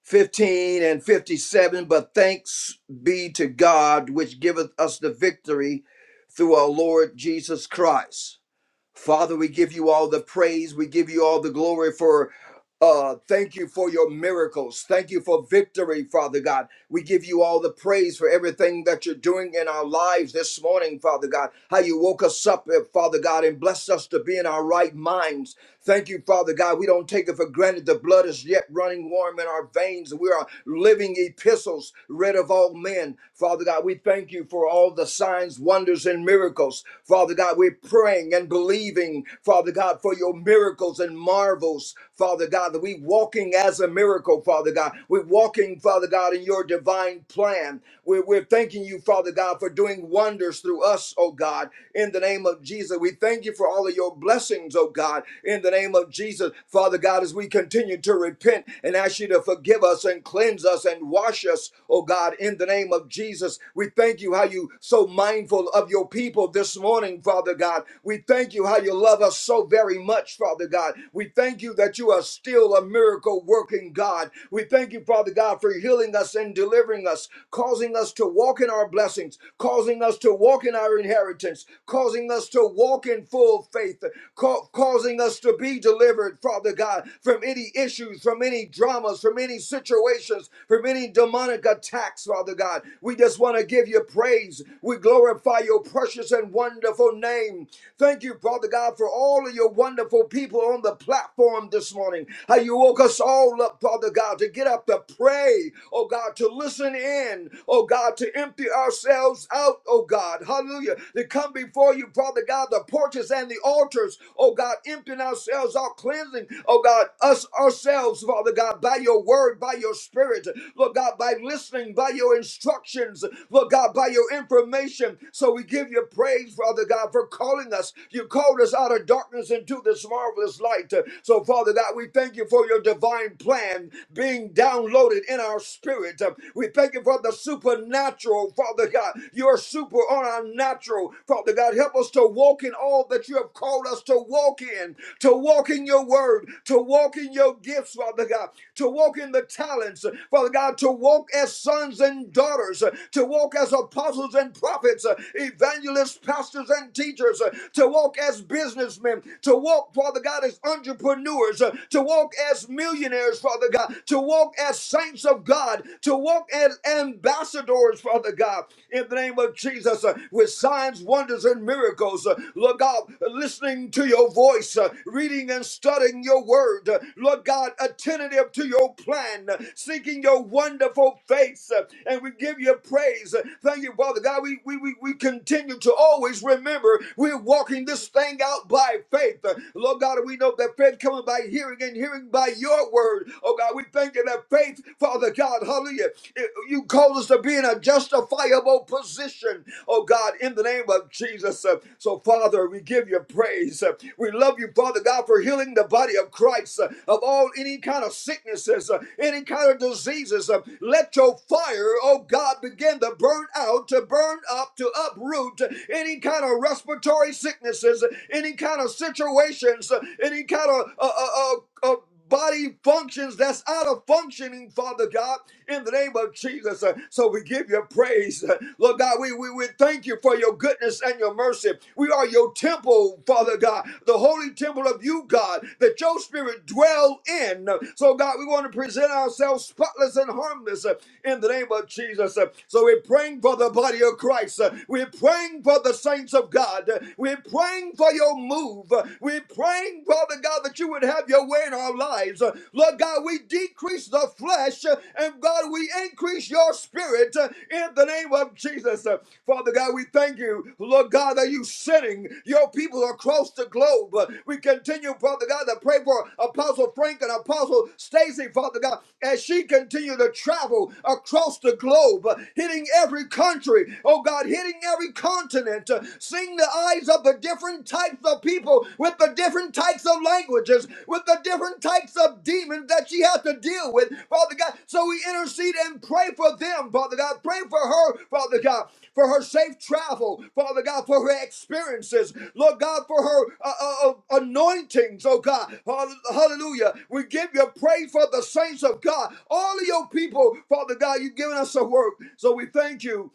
S3: 15 and 57. But thanks be to God, which giveth us the victory through our Lord Jesus Christ. Father, we give you all the praise. We give you all the glory for. Uh, thank you for your miracles. Thank you for victory, Father God. We give you all the praise for everything that you're doing in our lives this morning, Father God. How you woke us up, eh, Father God, and blessed us to be in our right minds. Thank you, Father God. We don't take it for granted. The blood is yet running warm in our veins. We are living epistles, read of all men. Father God, we thank you for all the signs, wonders, and miracles. Father God, we're praying and believing, Father God, for your miracles and marvels. Father God, that we walking as a miracle, Father God. We're walking, Father God, in your divine plan. We're, we're thanking you, Father God, for doing wonders through us, oh God. In the name of Jesus, we thank you thank you for all of your blessings, oh God, in the name of Jesus. Father God, as we continue to repent and ask you to forgive us and cleanse us and wash us, oh God, in the name of Jesus. We thank you how you so mindful of your people this morning, Father God. We thank you how you love us so very much, Father God. We thank you that you are still a miracle working God. We thank you, Father God, for healing us and delivering us, causing us to walk in our blessings, causing us to walk in our inheritance inheritance, causing us to walk in full faith, ca- causing us to be delivered, Father God, from any issues, from any dramas, from any situations, from any demonic attacks, Father God. We just want to give you praise. We glorify your precious and wonderful name. Thank you, Father God, for all of your wonderful people on the platform this morning. How you woke us all up, Father God, to get up to pray, oh God, to listen in, oh God, to empty ourselves ourselves out, oh God. Hallelujah. To come before you, Father God, the porches and the altars, oh God, emptying ourselves out, cleansing, oh God, us ourselves, Father God, by your word, by your spirit, Lord God, by listening, by your instructions, Lord God, by your information. So we give you praise, Father God, for calling us. You called us out of darkness into this marvelous light. So, Father God, we thank you for your divine plan being downloaded in our spirit. We thank thank you for the supernatural, Father God. You're super on our natural, Father God. Help us to walk in all that you have called us to walk in, to walk in your word, to walk in your gifts, Father God, to walk in the talents, Father God, to walk as sons and daughters, to walk as apostles and prophets, evangelists, pastors, and teachers, to walk as businessmen, to walk, Father God, as entrepreneurs, to walk as millionaires, Father God, to walk walk as saints of God, to walk as ambassadors, Father God, in the name of Jesus, uh, with signs, wonders, and miracles. Uh, Lord God, listening to your voice, uh, reading and studying your word. Uh, Lord God, attentive to your plan, uh, seeking your wonderful face. Uh, and we give you praise. Uh, Thank you, Father God. We, we, we, we continue to always remember we're walking this thing out by faith. Uh, Lord God, we know that faith coming by hearing and hearing living by your word. Oh God, we thank you that faith, Father God, hallelujah, it- you call us to be in a justifiable position, oh God, in the name of Jesus. Uh, So, Father, we give you praise. Uh, We love you, Father God, for healing the body of Christ uh, of all any kind of sicknesses, uh, any kind of diseases. Uh, Let your fire, oh God, begin to burn out, to burn up, to uproot any kind of respiratory sicknesses, any kind of situations, uh, any kind of uh, uh, uh, uh, body functions that's out of functioning, Father God, in the name of Jesus. Uh, So we give you praise. Uh, Lord God, we, we, we thank you for your goodness and your mercy. We are your temple, Father God, the holy temple of you, God, that your spirit dwell in. Uh, So, God, we want to present ourselves spotless and harmless uh, in the name of Jesus. Uh, So we're praying for the body of Christ. Uh, We're praying for the saints of God. Uh, We're praying for your move. Uh, we're praying, Father God, that you would have your way in our lives. Uh, Lord God, we decrease the flesh, uh, and God, we increase your spirit uh, in the name of Jesus. Uh, Father God, we thank you, Lord God, that you sending your people across the globe. Uh, We continue, Father God, to pray for Apostle Frank and Apostle Stacy, Father God, as she continue to travel across the globe, uh, hitting every country, oh God, hitting every continent, uh, Seeing the eyes of the different types of people with the different types of languages, with the different types of demons that she has to deal with, Father God. So we intercede and pray for them, Father God. Pray for her, Father God, for her safe travel, Father God, for her experiences, Lord God, for her uh, uh, uh, anointings, oh God. Hallelujah. We give you praise for the saints of God. All of your people, Father God, you've given us a work. So we thank you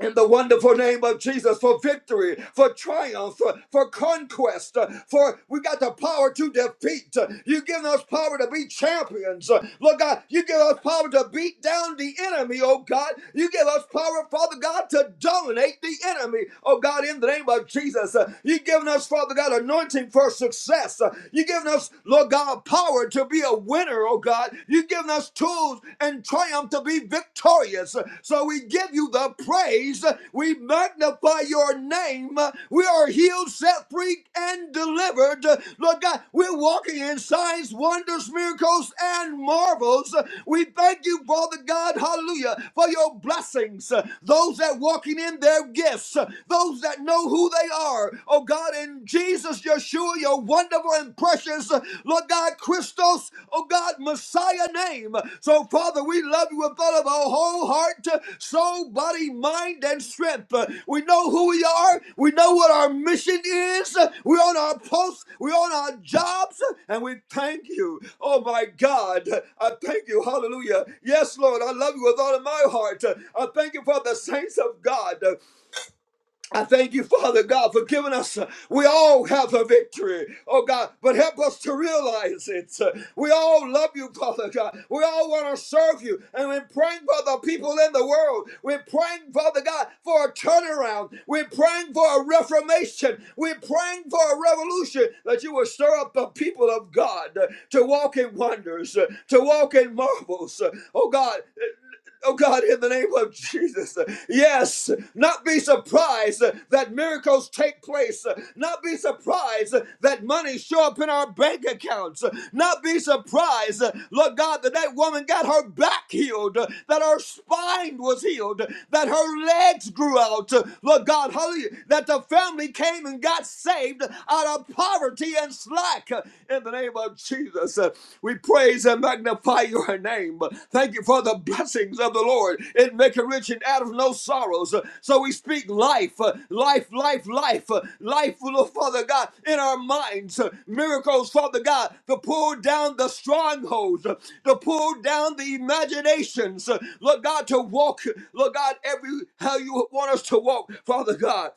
S3: in the wonderful name of Jesus for victory, for triumph, for, for conquest, uh, for we got the power to defeat. Uh, You give us power to be champions. Uh, Lord God, you give us power to beat down the enemy, oh God. You give us power, Father God, to dominate the enemy, oh God, in the name of Jesus. Uh, You've given us, Father God, anointing for success. Uh, You've given us, Lord God, power to be a winner, oh God. You've given given us tools and triumph to be victorious. So we give you the praise. We magnify your name. We are healed, set free, and delivered. Lord God, we're walking in signs, wonders, miracles, and marvels. We thank you, Father God, hallelujah, for your blessings. Those that walking in their gifts, those that know who they are. Oh God, in Jesus, Yeshua, your wonderful and precious, uh, Lord God, Christos, oh God, Messiah name. So, Father, we love you with all of our whole heart, uh, soul, body, mind, and strength. Uh, We know who we are. We know what our mission is. Uh, We're on our posts. We're on our jobs. uh, And we thank you. Oh, my God. I thank you. Hallelujah. Yes, Lord, I love you with all of my heart. Uh, I thank you for the saints of God. I thank you, Father God, for giving us. uh, We all have a victory, oh God, but help us to realize it. Uh, We all love you, Father God. We all want to serve you. And we're praying for the people in the world. We're praying, Father God, for a turnaround. We're praying for a reformation. We're praying for a revolution that you will stir up the people of God uh, to walk in wonders, uh, to walk in marvels. Uh, Oh God, Oh God, in the name of Jesus. Yes, not be surprised that miracles take place. Not be surprised that money show up in our bank accounts. Not be surprised, Lord God, that that woman got her back healed, that her spine was healed, that her legs grew out. Lord God, hallelujah, that the family came and got saved out of poverty and slack. In the name name of Jesus. Uh, We praise and magnify your name. Uh, Thank you for the blessings of the Lord. It maketh rich and out of no sorrows. Uh, So we speak life, uh, life, life, life, uh, life, Father God, in our minds. Uh, Miracles, Father God, to pull down the strongholds, uh, to pull down the imaginations. Uh, Lord God, to walk, Lord God, every how you want us to walk, Father God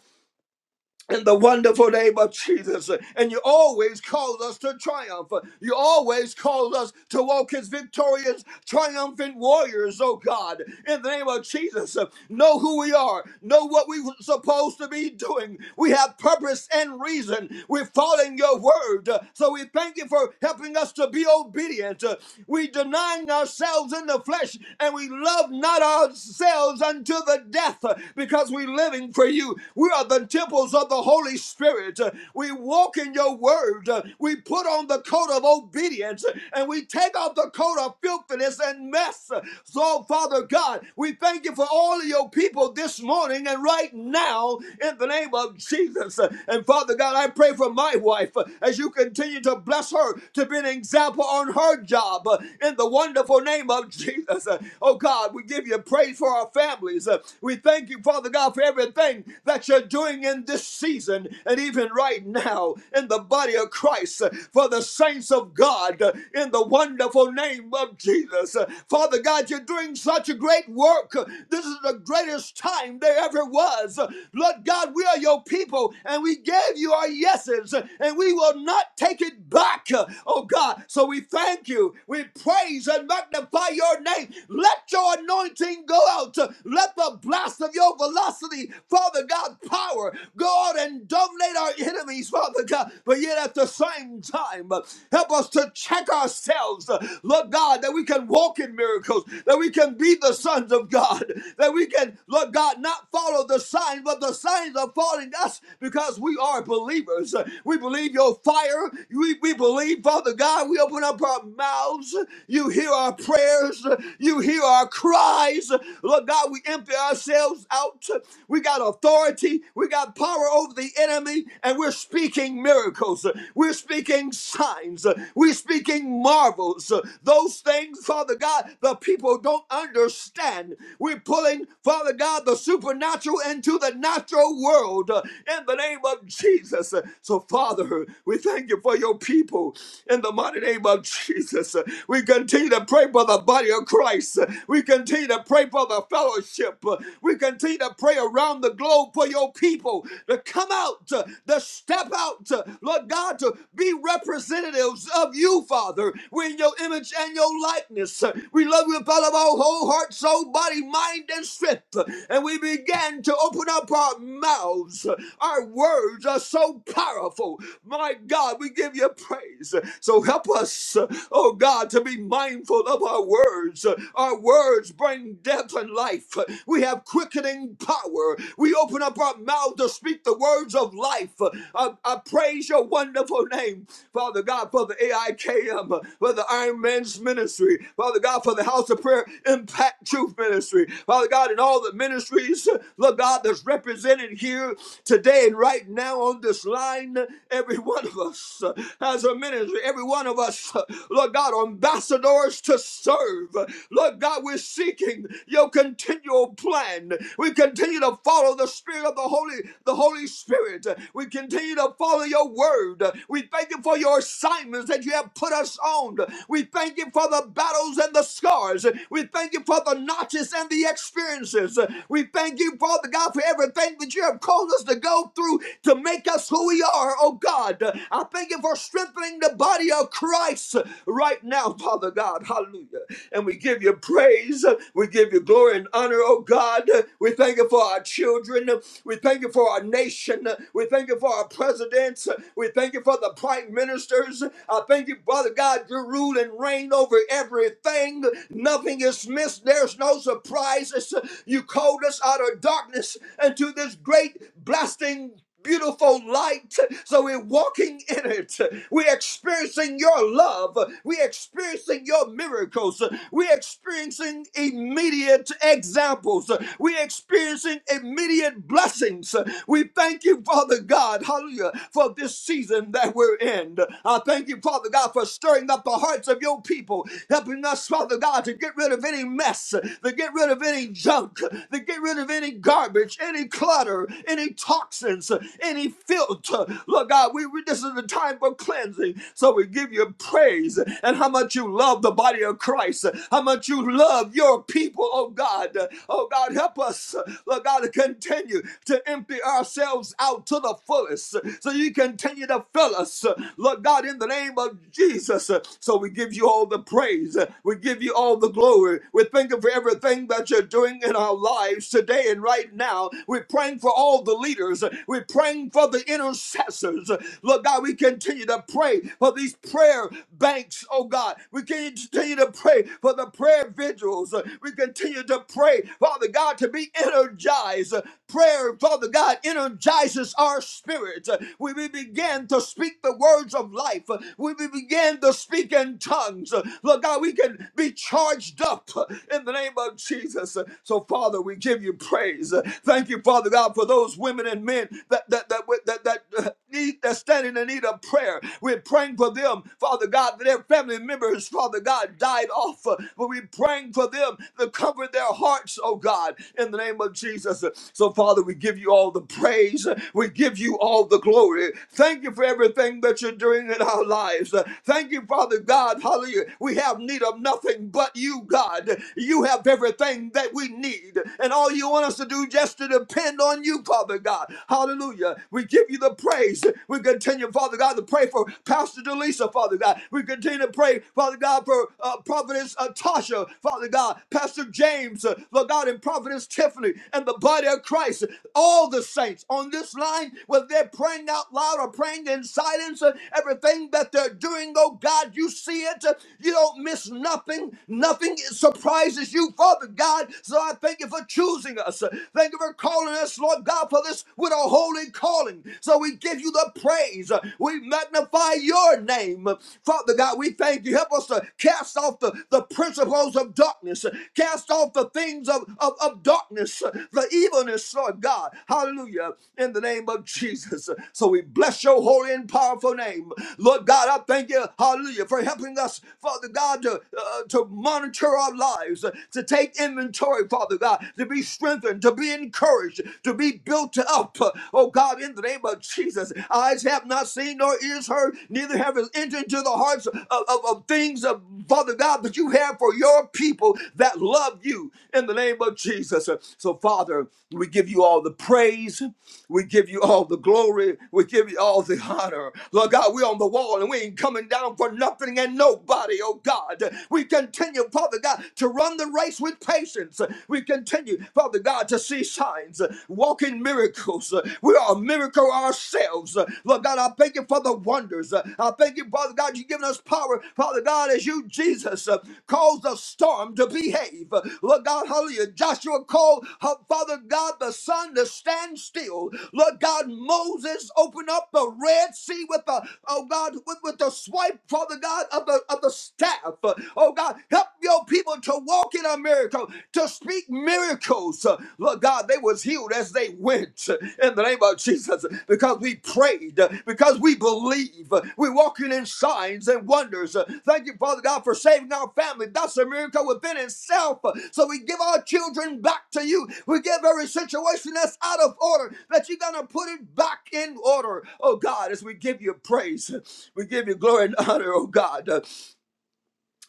S3: in the wonderful name of Jesus. And you always call us to triumph. You always call us to walk as victorious, triumphant warriors, oh God. In the name of Jesus, know who we are, know what we were supposed to be doing. We have purpose and reason. We're following your word. So we thank you for helping us to be obedient. We denying ourselves in the flesh and we love not ourselves unto the death because we're living for you. We are the are the temples of the Holy Spirit. Uh, We walk in your word. Uh, We put on the coat of obedience uh, and we take off the coat of filthiness and mess. So, Father God, we thank you for all of your people this morning and right now in the name of Jesus. And Father God, I pray for my wife uh, as you continue to bless her to be an example on her job uh, in the wonderful name of Jesus. Uh, Oh God, we give you praise for our families. Uh, We thank you, Father God, for everything everything that you're doing in this season and even right now in the body of Christ for the saints of God in the wonderful name of Jesus. Father God, you're doing such a great work. This is the greatest time there ever was. Lord God, we are your people and we gave you our yeses and we will not take it back. Oh God, so we thank you. We praise and magnify your name. Let your anointing go out. Let the blast of your velocity, Father God, power. Go out and dominate our enemies, Father God. But yet at the same time, uh, help us to check ourselves, uh, Lord God, that we can walk in miracles, that we can be the sons of God, that we can, Lord God, not follow the signs, but the signs are following us because we are believers. Uh, We believe your fire. We, we believe, Father God, we open up our mouths. You hear our prayers. You hear our cries. Lord God, we empty ourselves ourselves out We got authority, we got power over the enemy, and we're speaking miracles. We're speaking signs. We're speaking marvels. Those things, Father God, the people don't understand. We're pulling, Father God, the supernatural into the natural world uh, in the name of Jesus. Uh, So, Father, we thank you for your people in the mighty name of Jesus. Uh, We continue to pray for the body of Christ. Uh, We continue to pray for the your fellowship. Uh, We continue to pray around the globe for your people to come out, uh, to step out, uh, Lord God, to be representatives of you, Father. We're in your image and your likeness. Uh, We love you with all of our whole heart, soul, body, mind, and strength. Uh, And we began to open up our mouths. Uh, Our words are so powerful. My God, we give you praise. So help us, uh, oh God, to be mindful of our words. Uh, Our words bring bring death and life. We have quickening power. We open up our mouth to speak the words of life. I, I praise your wonderful name, Father God, for the AIKM, for the Iron Man's ministry, Father God, for the House of Prayer Impact Truth Ministry, Father God, and all the ministries, Lord God, that's represented here today and right now on this line. Every one of us has a ministry. Every one of us, Lord God, ambassadors to serve. Lord Lord God, we're seeking your continual plan. We continue to follow the spirit of the Holy, the Holy Spirit. We continue to follow your word. We thank you for your assignments that you have put us on. We thank you for the battles and the scars. We thank you for the notches and the experiences. We thank you, Father God, for everything that you have called us to go through to make us who we are, oh God. I thank you for strengthening the body of Christ right now, Father God. Hallelujah and we give you praise. We give you glory and honor, oh God. We thank you for our children. We thank you for our nation. We thank you for our presidents. We thank you for the prime ministers. I thank you, Father God, you rule and reign over everything. Nothing is missed. There's no surprises. You called us out of darkness into this great blasting beautiful light. So we're walking in it. We're experiencing your love. We're experiencing your miracles. We're experiencing immediate examples. We're experiencing immediate blessings. We thank you, Father God, hallelujah, for this season that we're in. I thank you, Father God, for stirring up the hearts of your people, helping us, Father God, to get rid of any mess, to get rid of any junk, to get rid of any garbage, any clutter, any any toxins, uh, any filter. Lord God, we, we this is the time for cleansing. So we give you praise and how much you love the body of Christ, how much you love your people, oh God. Oh God, help us, Lord God, to continue to empty ourselves out to the fullest. So you continue to fill us, Lord God, in the name of Jesus. So we give you all the praise. We give you all the glory. We thank you for everything that you're doing in our lives today and right now. We're praying for all the leaders. We're praying for the intercessors. Lord God, we continue to pray for these prayer banks, oh God. We continue to pray for the prayer vigils. We continue to pray, Father God, to be energized. Prayer, Father God, energizes our spirits. We we begin to speak the words of life. We we begin to speak in tongues. Lord God, we can be charged up in the name of Jesus. So, Father, we give you praise praise. Uh, Thank you, Father God, for those women and men that that that that, that, that uh, need that standing in need of prayer. We're praying for them, Father God, that their family members, Father God, died off. uh, But we're praying for them to comfort their hearts, oh God, in the name of Jesus. So, Father, we give you all the praise. We give you all the glory. Thank you for everything that you're doing in our lives. Thank you, Father God. Hallelujah. We have need of nothing but you, God. You have everything that we need need. And all you want us to do just to depend on you, Father God. Hallelujah. We give you the praise. We continue, Father God, to pray for Pastor Delisa, Father God. We continue to pray, Father God, for uh, Providence uh, Tasha, Father God, Pastor James, uh, Lord God, and Providence Tiffany, and the body of Christ. All the saints on this line, whether they're praying out loud or praying in silence, uh, everything that they're doing, oh God, you see it. Uh, You don't miss nothing. Nothing surprises you, Father. Lord God. So I thank you for choosing us. Thank you for calling us, Lord God, for this with a holy calling. So we give you the praise. We magnify your name. Father God, we thank you. Help us to cast off the, the principles of darkness, cast off the things of, of, of darkness, the evilness, Lord God. Hallelujah. In the name of Jesus. So we bless your holy and powerful name. Lord God, I thank you, hallelujah, for helping us, Father God, to, uh, to monitor our lives lives, uh, to take inventory, Father God, to be strengthened, to be encouraged, to be built up. Uh, Oh God, in the name of Jesus, eyes have not seen nor ears heard, neither have it entered into the hearts of, of, of things of Father God that you have for your people that love you in the name of Jesus. Uh, So, Father, we give you all the praise. We give you all the glory. We give you all the honor. Lord God, we're on the wall and we ain't coming down for nothing and nobody, oh God. We continue continue, Father God, to run the race with patience. We continue, Father God, to see signs, walking miracles. We are a miracle ourselves. Lord God, I thank you for the wonders. I thank you, Father God, you've given us power, Father God, as you, Jesus, caused the storm to behave. Lord God, hallelujah. Joshua called, uh, Father God, the sun to stand still. Lord God, Moses opened up the Red Sea with the, oh God, with, with the swipe, Father God, of the, of the staff life. Uh, Oh God, help your people to walk in a miracle, to speak miracles. Uh, Lord God, they was healed as they went uh, in the name of Jesus because we prayed, uh, because we believe. Uh, We're walking in signs and wonders. Uh, Thank you, Father God, for saving our family. That's a miracle within itself. Uh, So we give our children back to you. We give every situation that's out of order that you're going to put it back in order. Oh God, as we give you praise, we give you glory and honor, oh God. Uh,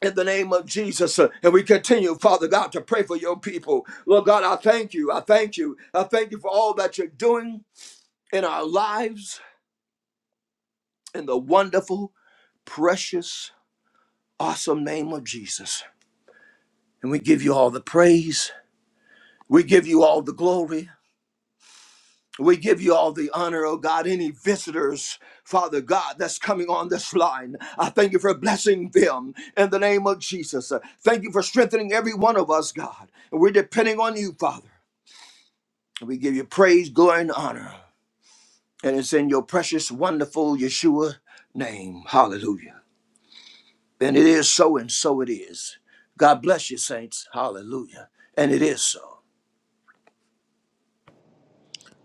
S3: in the name of Jesus. uh, And we continue, Father God, to pray for your people. Lord God, I thank you. I thank you. I thank you for all that you're doing in our lives in the wonderful, precious, awesome name of Jesus. And we give you all the praise. We give you all the glory. We give you all the honor, oh God. Any visitors, Father God, that's coming on this line, I thank you for blessing them in the name of Jesus. Uh, Thank you for strengthening every one of us, God. And we're depending on you, Father. We give you praise, glory, and honor. And it's in your precious, wonderful Yeshua name. Hallelujah. And it is so, and so it is. God bless you, saints. Hallelujah. And it is so.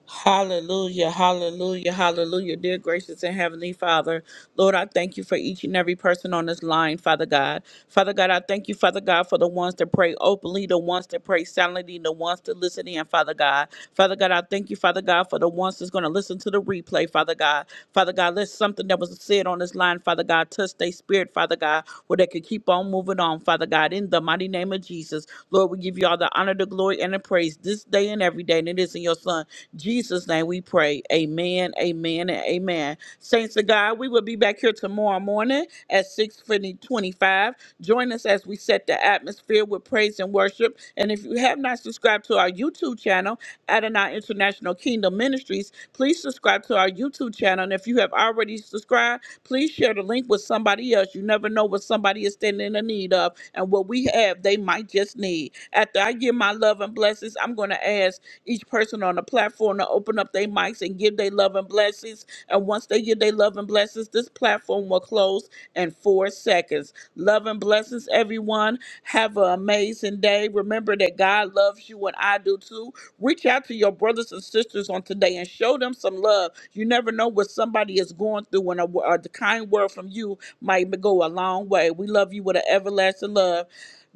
S1: Hallelujah, hallelujah, hallelujah. Dear gracious and heavenly Father, Lord, I thank you for each and every person on this line, Father God. Father God, I thank you, Father God, for the ones that pray openly, the ones that pray silently, the ones that listen in, Father God. Father God, I thank you, Father God, for the ones that's going to listen to the replay, Father God. Father God, let something that was said on this line, Father God, touch their spirit, Father God, where they could keep on moving on, Father God, in the mighty name of Jesus. Lord, we give you all the honor, the glory, and the praise this day and every day, and it is in your Son. Jesus' name we pray. Amen, amen, and amen. Saints of God, we will be back here tomorrow morning at 6.25. Join us as we set the atmosphere with praise and worship. And if you have not subscribed to our YouTube channel, Adonai International Kingdom Ministries, please subscribe to our YouTube channel. And if you have already subscribed, please share the link with somebody else. You never know what somebody is standing in the need of. And what we have, they might just need. After I give my love and blessings, I'm going to ask each person on the platform to open up their mics and give their love and blessings. And once they give their love and blessings, this platform will close in four seconds. Love and blessings, everyone. Have an amazing day. Remember that God loves you and I do too. Reach out to your brothers and sisters on today and show them some love. You never know what somebody is going through, and a, wo- a kind word from you might go a long way. We love you with an everlasting love.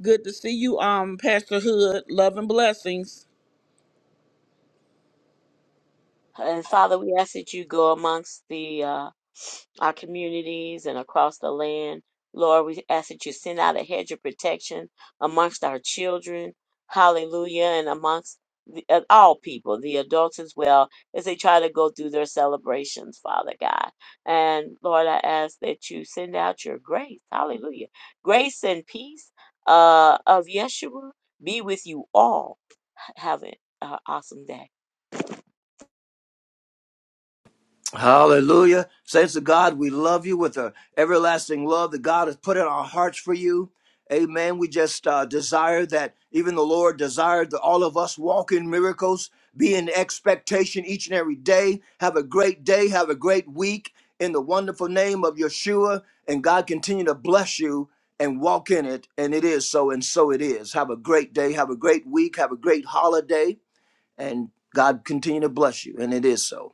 S1: Good to see you, um, Pastor Hood. Love and blessings.
S2: And Father, we ask that you go amongst the uh, our communities and across the land. Lord, we ask that you send out a hedge of protection amongst our children, hallelujah, and amongst the, uh, all people, the adults as well, as they try to go through their celebrations, Father God. And Lord, I ask that you send out your grace, hallelujah. Grace and peace uh, of Yeshua be with you all. Have an uh, awesome day.
S3: Hallelujah. Saints of God, we love you with an everlasting love that God has put in our hearts for you. Amen. We just uh, desire that even the Lord desired that all of us walk in miracles, be in expectation each and every day. Have a great day. Have a great week in the wonderful name of Yeshua. And God continue to bless you and walk in it. And it is so, and so it is. Have a great day. Have a great week. Have a great holiday. And God continue to bless you. And it is so.